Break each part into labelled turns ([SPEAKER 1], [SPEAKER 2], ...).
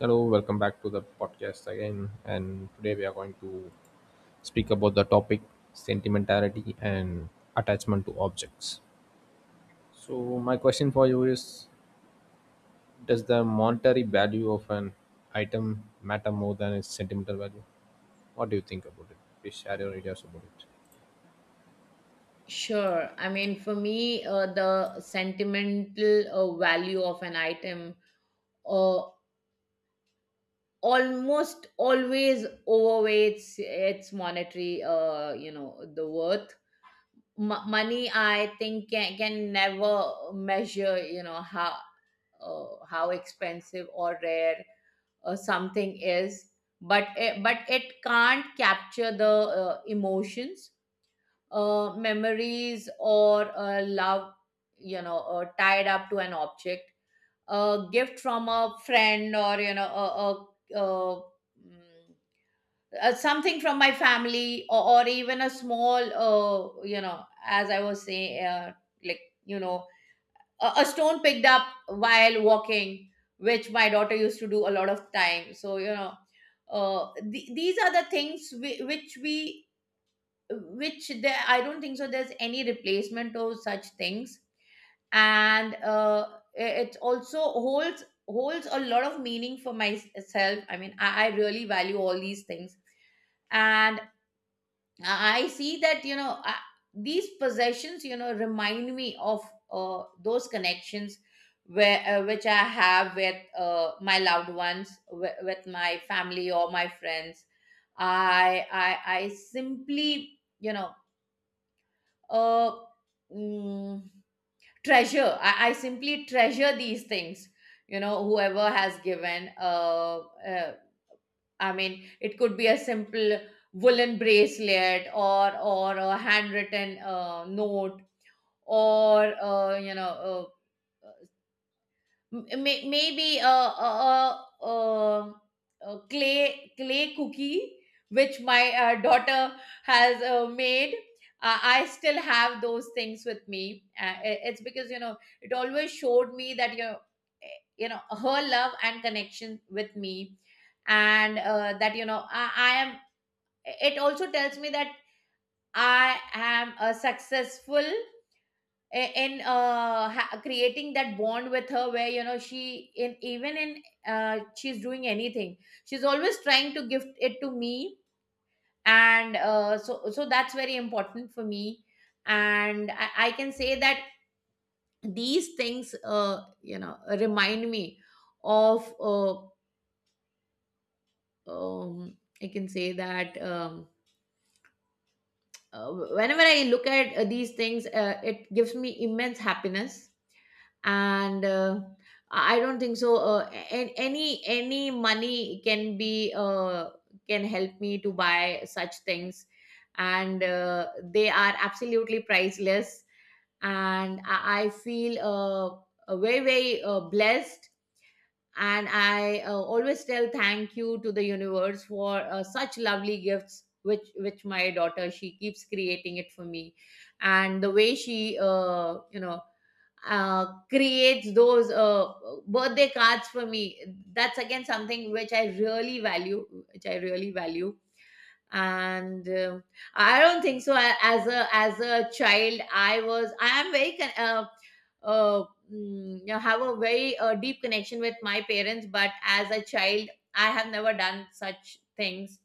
[SPEAKER 1] Hello, welcome back to the podcast again. And today we are going to speak about the topic sentimentality and attachment to objects. So, my question for you is: does the monetary value of an item matter more than its sentimental value? What do you think about it? Please share your ideas about it.
[SPEAKER 2] Sure. I mean, for me, the sentimental value of an item uh, almost always overweights its monetary, the worth. Money, I think, can never measure, you know, how expensive or rare something is, but it can't capture the emotions, memories or love, tied up to an object, a gift from a friend or you know mm, something from my family, or even a small, you know, as I was saying, like you know a stone picked up while walking, which my daughter used to do a lot of time. So you know, these are the things we which there I don't think so there's any replacement of such things. And I- it also holds a lot of meaning for myself. I mean I really value all these things. And I see that, these possessions you know remind me of those connections, where which I have with my loved ones, with my family or my friends. I simply uh, mm, treasure. I simply treasure these things. You know, whoever has given. I mean, it could be a simple woolen bracelet or a handwritten note or maybe a, a, a a clay cookie which my daughter has made. Uh, I still have those things with me I- it's because you know it always showed me that, you know, her love and connection with me. And that you know I am, it also tells me that I am a successful, creating that bond with her, where you know she in even in she's doing anything, she's always trying to gift it to me. And so so that's very important for me. And I can say that these things, you know, remind me of I can say that, whenever I look at these things, it gives me immense happiness. And I don't think so, any money can be can help me to buy such things. And they are absolutely priceless. And I feel very very blessed. And I always tell thank you to the universe for such lovely gifts, which my daughter she keeps creating it for me. And the way she, creates those birthday cards for me, that's again something which I really value, which I really value. And I don't think so. As a child, I am very uh, you know, have a very deep connection with my parents. But as a child, I have never done such things,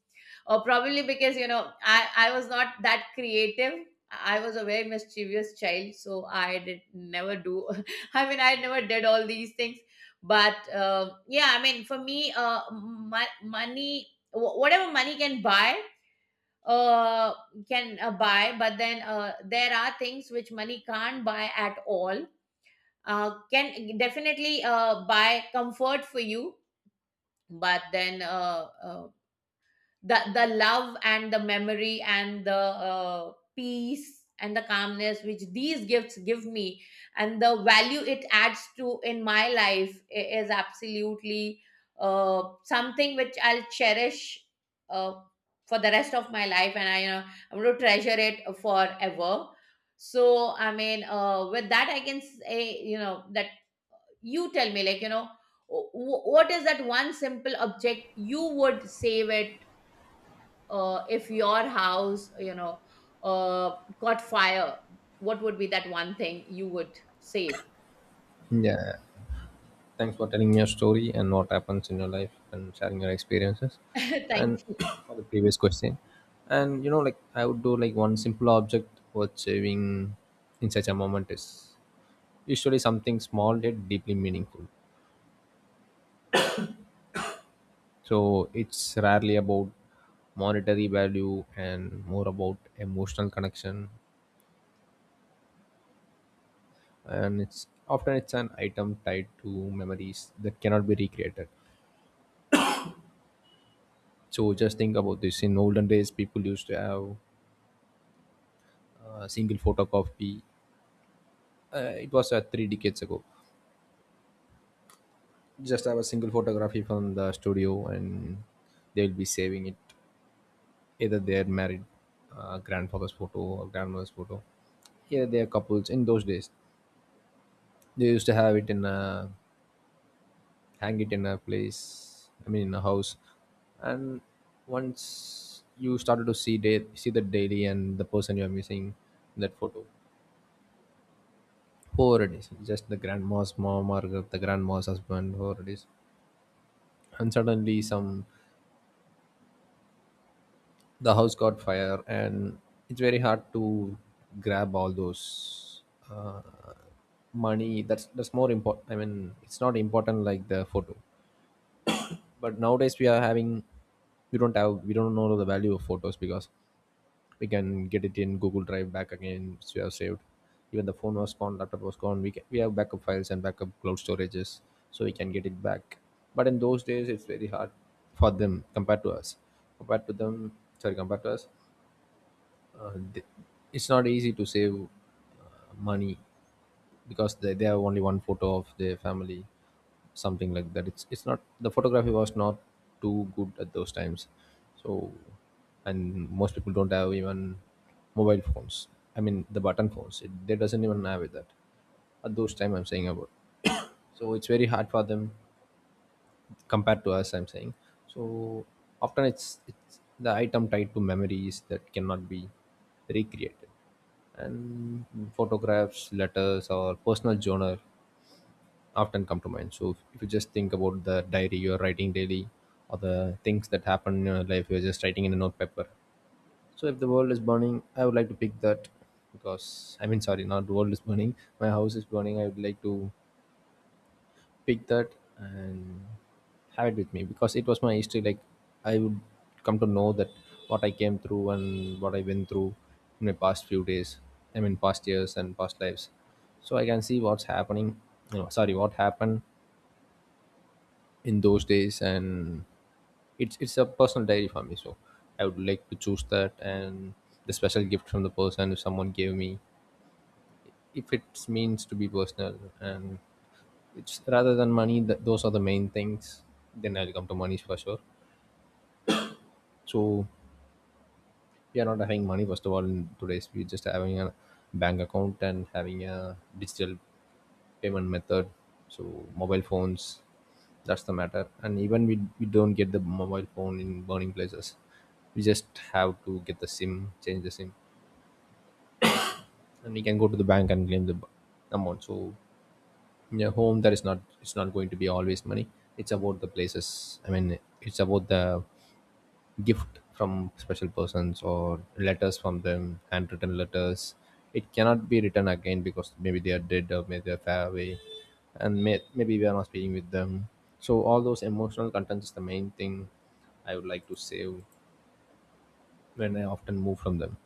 [SPEAKER 2] or probably because you know I was not that creative. I was a very mischievous child, so I did never do I mean I never did all these things. But yeah, I mean for me, money, whatever money can buy, uh, can buy, but then there are things which money can't buy at all. Can definitely buy comfort for you, but then the love and the memory and the peace and the calmness which these gifts give me, and the value it adds to in my life is absolutely something which I'll cherish uh, for the rest of my life. And i, you know, I'm going to treasure it forever. So I mean, with that I can say, you know, that you tell me, like, you know, what is that one simple object you would save it, if your house, you know, got fire. What would be that one thing you would save?
[SPEAKER 1] Yeah. Thanks for telling me your story and what happens in your life and sharing your experiences.
[SPEAKER 2] Thank
[SPEAKER 1] And
[SPEAKER 2] you.
[SPEAKER 1] for the previous question, and like I would do like one simple object for achieving in such a moment is usually something small yet deeply meaningful. So it's rarely about monetary value and more about emotional connection. And it's often it's an item tied to memories that cannot be recreated. So just think about this. In olden days, people used to have single photocopy. It was three decades ago. Just have a single photography from the studio, and they will be saving it. Either they are married, grandfather's photo or grandmother's photo. Either they are couples. In those days, they used to have it in a hang it in a place. I mean, in a house. And once you started to see see the daily and the person you are missing in that photo, whoever it is, just the grandma's mom or the grandma's husband, whoever it is, and suddenly some the house got fire, and it's very hard to grab all those uh, money. That's more important. I mean, it's not important like the photo, but nowadays we are having we don't know the value of photos, because we can get it in Google Drive back again, which we have saved. Even the phone was gone, laptop was gone, we have backup files and backup cloud storages, so we can get it back. But in those days, it's very hard for them compared to us, compared to them, sorry, compared to us. uh, th- it's not easy to save money, because they have only one photo of their family, something like that. It's not, the photography was not too good at those times. So, and most people don't have even mobile phones. I mean the button phones, they doesn't even have it, that at those time I'm saying about. So it's very hard for them compared to us, I'm saying. So often it's the item tied to memories that cannot be recreated. And photographs, letters, or personal journal often come to mind. So if you just think about the diary you're writing daily, or the things that happen in your life you're just writing in a notepaper, so if the world is burning, I would like to pick that, because, I mean, sorry, not the world is burning, my house is burning, I would like to pick that and have it with me because it was my history. Like I would come to know that what I came through and what I went through in my past few days. I mean, past years and past lives. So I can see what's happening. No, sorry, what happened in those days, and it's a personal diary for me. So I would like to choose that, and the special gift from the person if someone gave me, if it means to be personal, and it's rather than money. Those are the main things. Then I'll come to money for sure. So we are not having money, first of all. In today's, we're just having a bank account and having a digital payment method. So mobile phones, that's the matter. And even we don't get the mobile phone in burning places. We just have to get the SIM, change the SIM, and we can go to the bank and claim the amount. So in your home. That is not It's not going to be always money. It's about the places. I mean, it's about the gift from special persons, or letters from them, handwritten letters. It cannot be written again because maybe they are dead or maybe they're far away, and maybe we are not speaking with them. So all those emotional contents is the main thing I would like to save when I often move from them.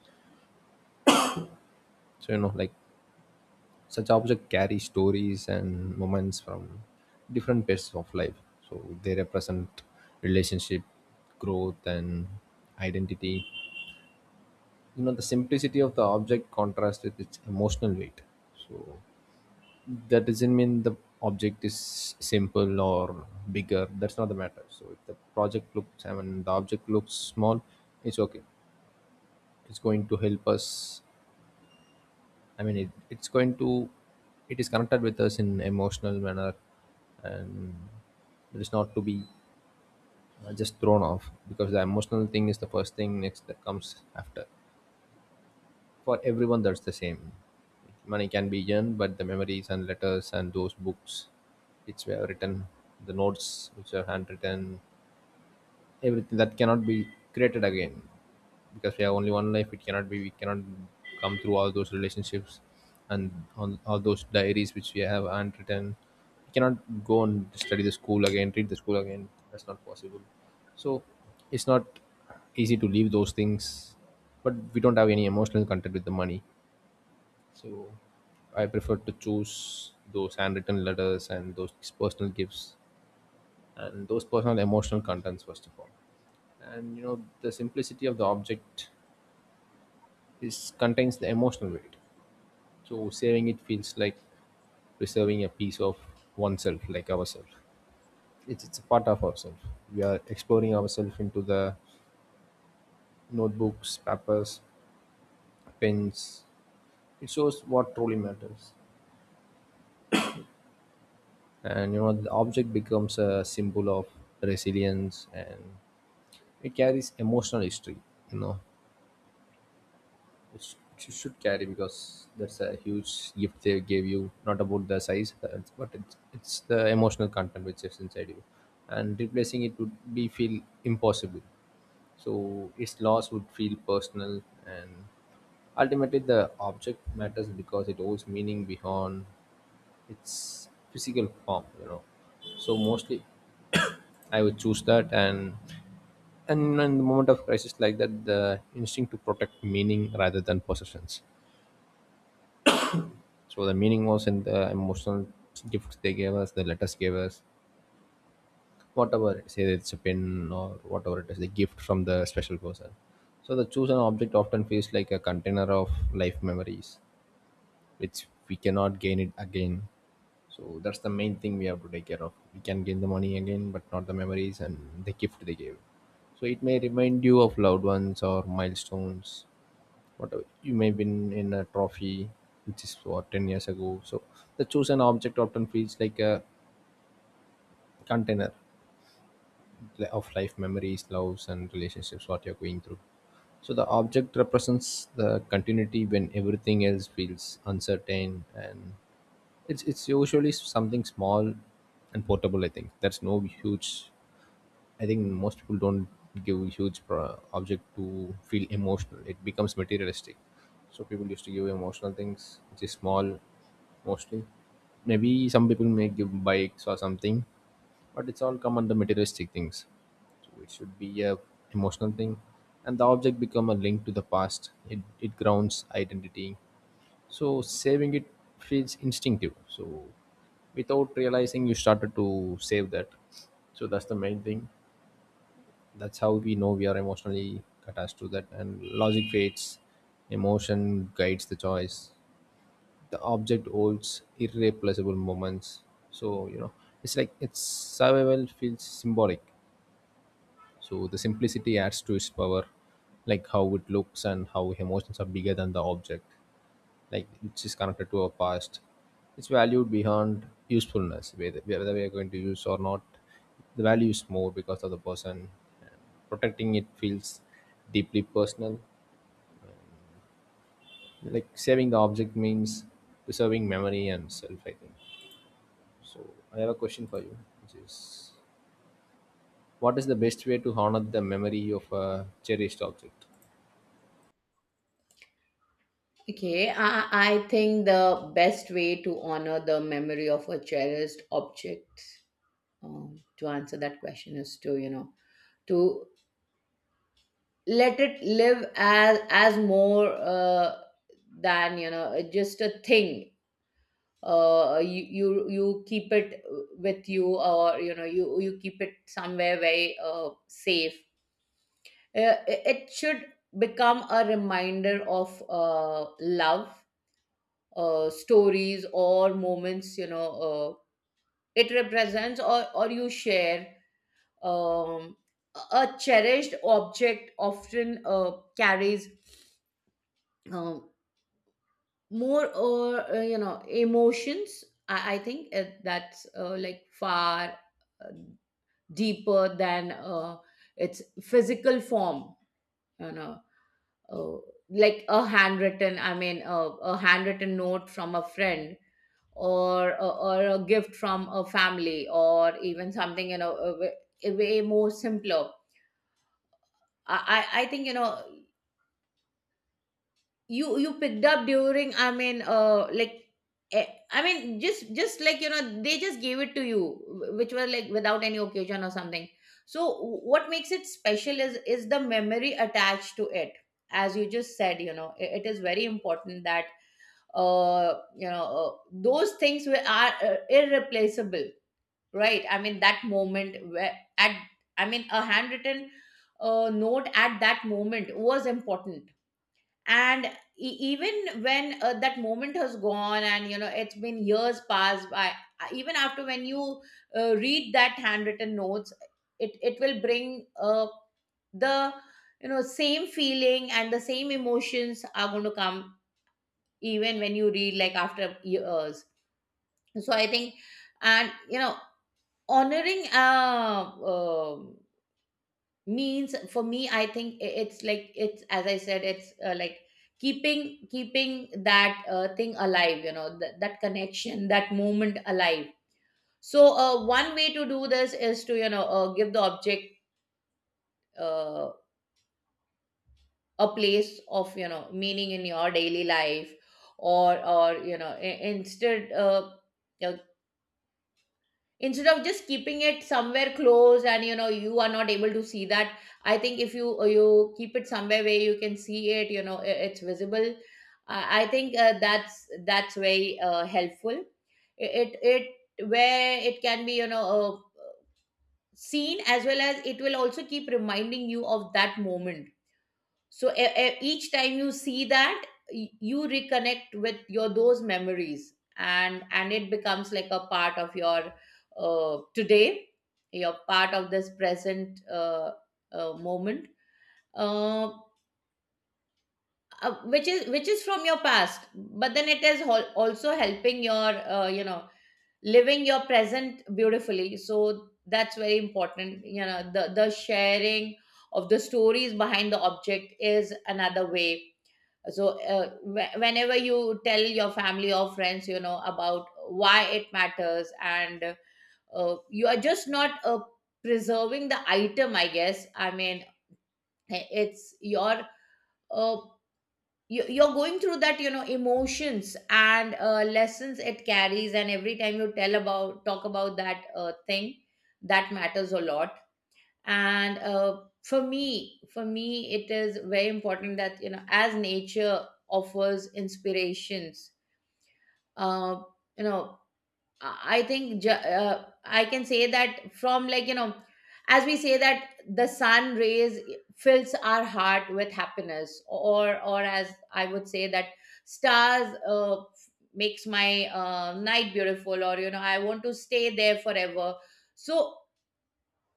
[SPEAKER 1] So like such objects carry stories and moments from different phases of life. So they represent relationship, growth, and identity. The simplicity of the object contrasts with its emotional weight. So that doesn't mean the object is simple or bigger. That's not the matter. So if the project looks, I mean the object looks small, it's okay. It's going to help us. I mean, it, it's going to it is connected with us in emotional manner, and it is not to be just thrown off, because the emotional thing is the first thing next that comes after. For everyone that's the same. Money can be earned, but the memories and letters and those books which were written, the notes which are handwritten, everything that cannot be created again, because we have only one life. It cannot be We cannot come through all those relationships and on all those diaries which we have handwritten. We cannot go and study the school again, read the school again. That's not possible. So it's not easy to leave those things, but we don't have any emotional contact with the money. So I prefer to choose those handwritten letters and those personal gifts and those personal emotional contents first of all. And the simplicity of the object is contains the emotional weight. So saving it feels like preserving a piece of oneself, like ourselves. It's a part of ourselves. We are exploring ourselves into the notebooks, papers, pens. It shows what truly matters. And the object becomes a symbol of resilience, and it carries emotional history, you know which you should carry, because that's a huge gift they gave you, not about the size. But it's the emotional content which is inside you, and replacing it would be feel impossible. So its loss would feel personal, and ultimately the object matters because it holds meaning beyond its physical form. So mostly I would choose that. And in the moment of crisis like that, the instinct to protect meaning rather than possessions. So the meaning was in the emotional gifts they gave us, the letters gave us, whatever. Say it's a pen or whatever it is, the gift from the special person. So the chosen object often feels like a container of life memories, which we cannot gain it again. So that's the main thing we have to take care of. We can gain the money again, but not the memories and the gift they gave. So it may remind you of loved ones or milestones. Whatever you may win in a trophy, which is what 10 years ago. So the chosen object often feels like a container of life memories, loves, and relationships. What you're going through. So the object represents the continuity when everything else feels uncertain, and it's usually something small and portable. I think that's no huge. I think most people don't give huge object to feel emotional. It becomes materialistic. So people used to give emotional things, which is small, mostly. Maybe some people may give bikes or something, but it's all come under materialistic things. So it should be a emotional thing, and the object become a link to the past. It grounds identity, so saving it feels instinctive. So without realizing, you started to save that. So that's the main thing. That's how we know we are emotionally attached to that. And logic fades, emotion guides the choice. The object holds irreplaceable moments. So it's like its survival feels symbolic. So the simplicity adds to its power, like how it looks and how emotions are bigger than the object, like which is connected to our past. It's valued beyond usefulness, whether we are going to use or not. The value is more because of the person. Protecting it feels deeply personal, like saving the object means preserving memory and self, I think. So I have a question for you, which is: what is the best way to honor the memory of a cherished object?
[SPEAKER 2] Okay, I think the best way to honor the memory of a cherished object, to answer that question, is to, you know, to let it live as more than, you know, just a thing. You you keep it with you, or you know you keep it somewhere very safe. It should become a reminder of love, stories or moments, you know, uh, it represents, or you share. um, a cherished object often carries, um, more or you know, emotions. I think that's like far uh, deeper than its physical form, you know, uh, like a handwritten, a handwritten note from a friend, or or a gift from a family, or even something, you know, a way more simpler. I think you know you picked up during, eh, I mean, just like you know they just gave it to you, which was like without any occasion or something. So what makes it special is the memory attached to it, as you just said. You know, it is very important that, you know, those things were are irreplaceable, right? I mean, that moment where, at, I mean, a handwritten note at that moment was important. And even when that moment has gone and you know it's been years passed by, even after when you read that handwritten notes, it will bring the you know, same feeling, and the same emotions are going to come even when you read like after years. So I think, and you know, honoring means for me, I think it's like, it's as I said, it's like keeping that thing alive, you know, that that connection, that moment alive. So one way to do this is to, you know, give the object uh, a place of, you know, meaning in your daily life. Or you know, instead of just keeping it somewhere close and you know you are not able to see that, I think if you keep it somewhere where you can see it, you know, it's visible. I think that's very helpful. It where it can be, you know, seen, as well as it will also keep reminding you of that moment. So each time you see that, you reconnect with your those memories, and it becomes like a part of your today, your part of this present, moment, uh, which is from your past. But then it is also helping your, you know, living your present beautifully. So that's very important. You know, the sharing of the stories behind the object is another way. So whenever you tell your family or friends, you know, about why it matters, and you are just not preserving the item, I guess. I mean, it's your uh, you- you're going through that, you know, emotions and lessons it carries, and every time you tell about talk about that thing, that matters a lot. And for me, it is very important that, you know, as nature offers inspirations, uh, you know, I think, I can say that from, like, you know, as we say that the sun rays fills our heart with happiness, or as I would say that stars makes my night beautiful, or you know I want to stay there forever. So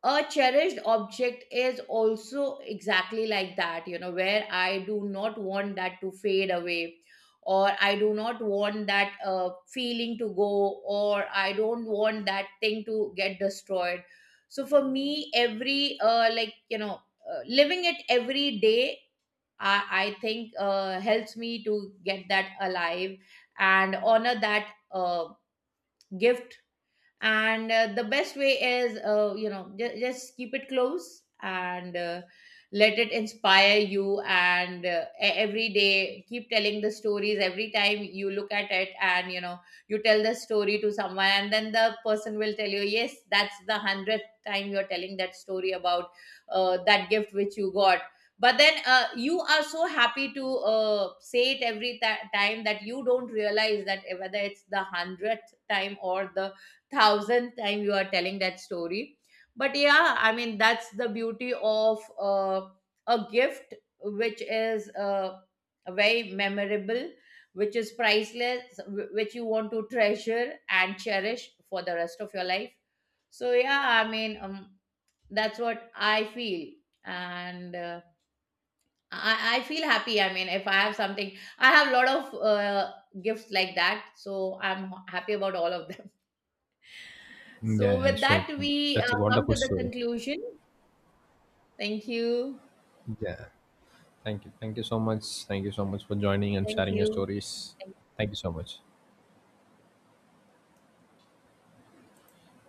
[SPEAKER 2] a cherished object is also exactly like that, you know, where I do not want that to fade away, or I do not want that feeling to go, or I don't want that thing to get destroyed. So for me, every, living it every day, i, I think helps me to get that alive and honor that gift. And the best way is, just keep it close, and let it inspire you, and every day keep telling the stories every time you look at it. And you know, you tell the story to someone, and then the person will tell you, yes, that's the 100th time you're telling that story about that gift which you got. But then you are so happy to say it every ti time, that you don't realize that whether it's the 100th time or the 1000th time you are telling that story. But yeah, I mean, that's the beauty of a gift which is very memorable, which is priceless, which you want to treasure and cherish for the rest of your life. So yeah, I mean, that's what I feel. And I feel happy. I mean, if I have something, I have a lot of gifts like that, so I'm happy about all of them.
[SPEAKER 1] Yeah,
[SPEAKER 2] So,
[SPEAKER 1] yeah,
[SPEAKER 2] with
[SPEAKER 1] sure.
[SPEAKER 2] that, we
[SPEAKER 1] That's a
[SPEAKER 2] come
[SPEAKER 1] wonderful
[SPEAKER 2] to the
[SPEAKER 1] story.
[SPEAKER 2] conclusion. Thank you.
[SPEAKER 1] Yeah, thank you. Thank you so much. Thank you so much for joining and
[SPEAKER 2] Thank
[SPEAKER 1] sharing your
[SPEAKER 2] you.
[SPEAKER 1] stories. Thank you so much.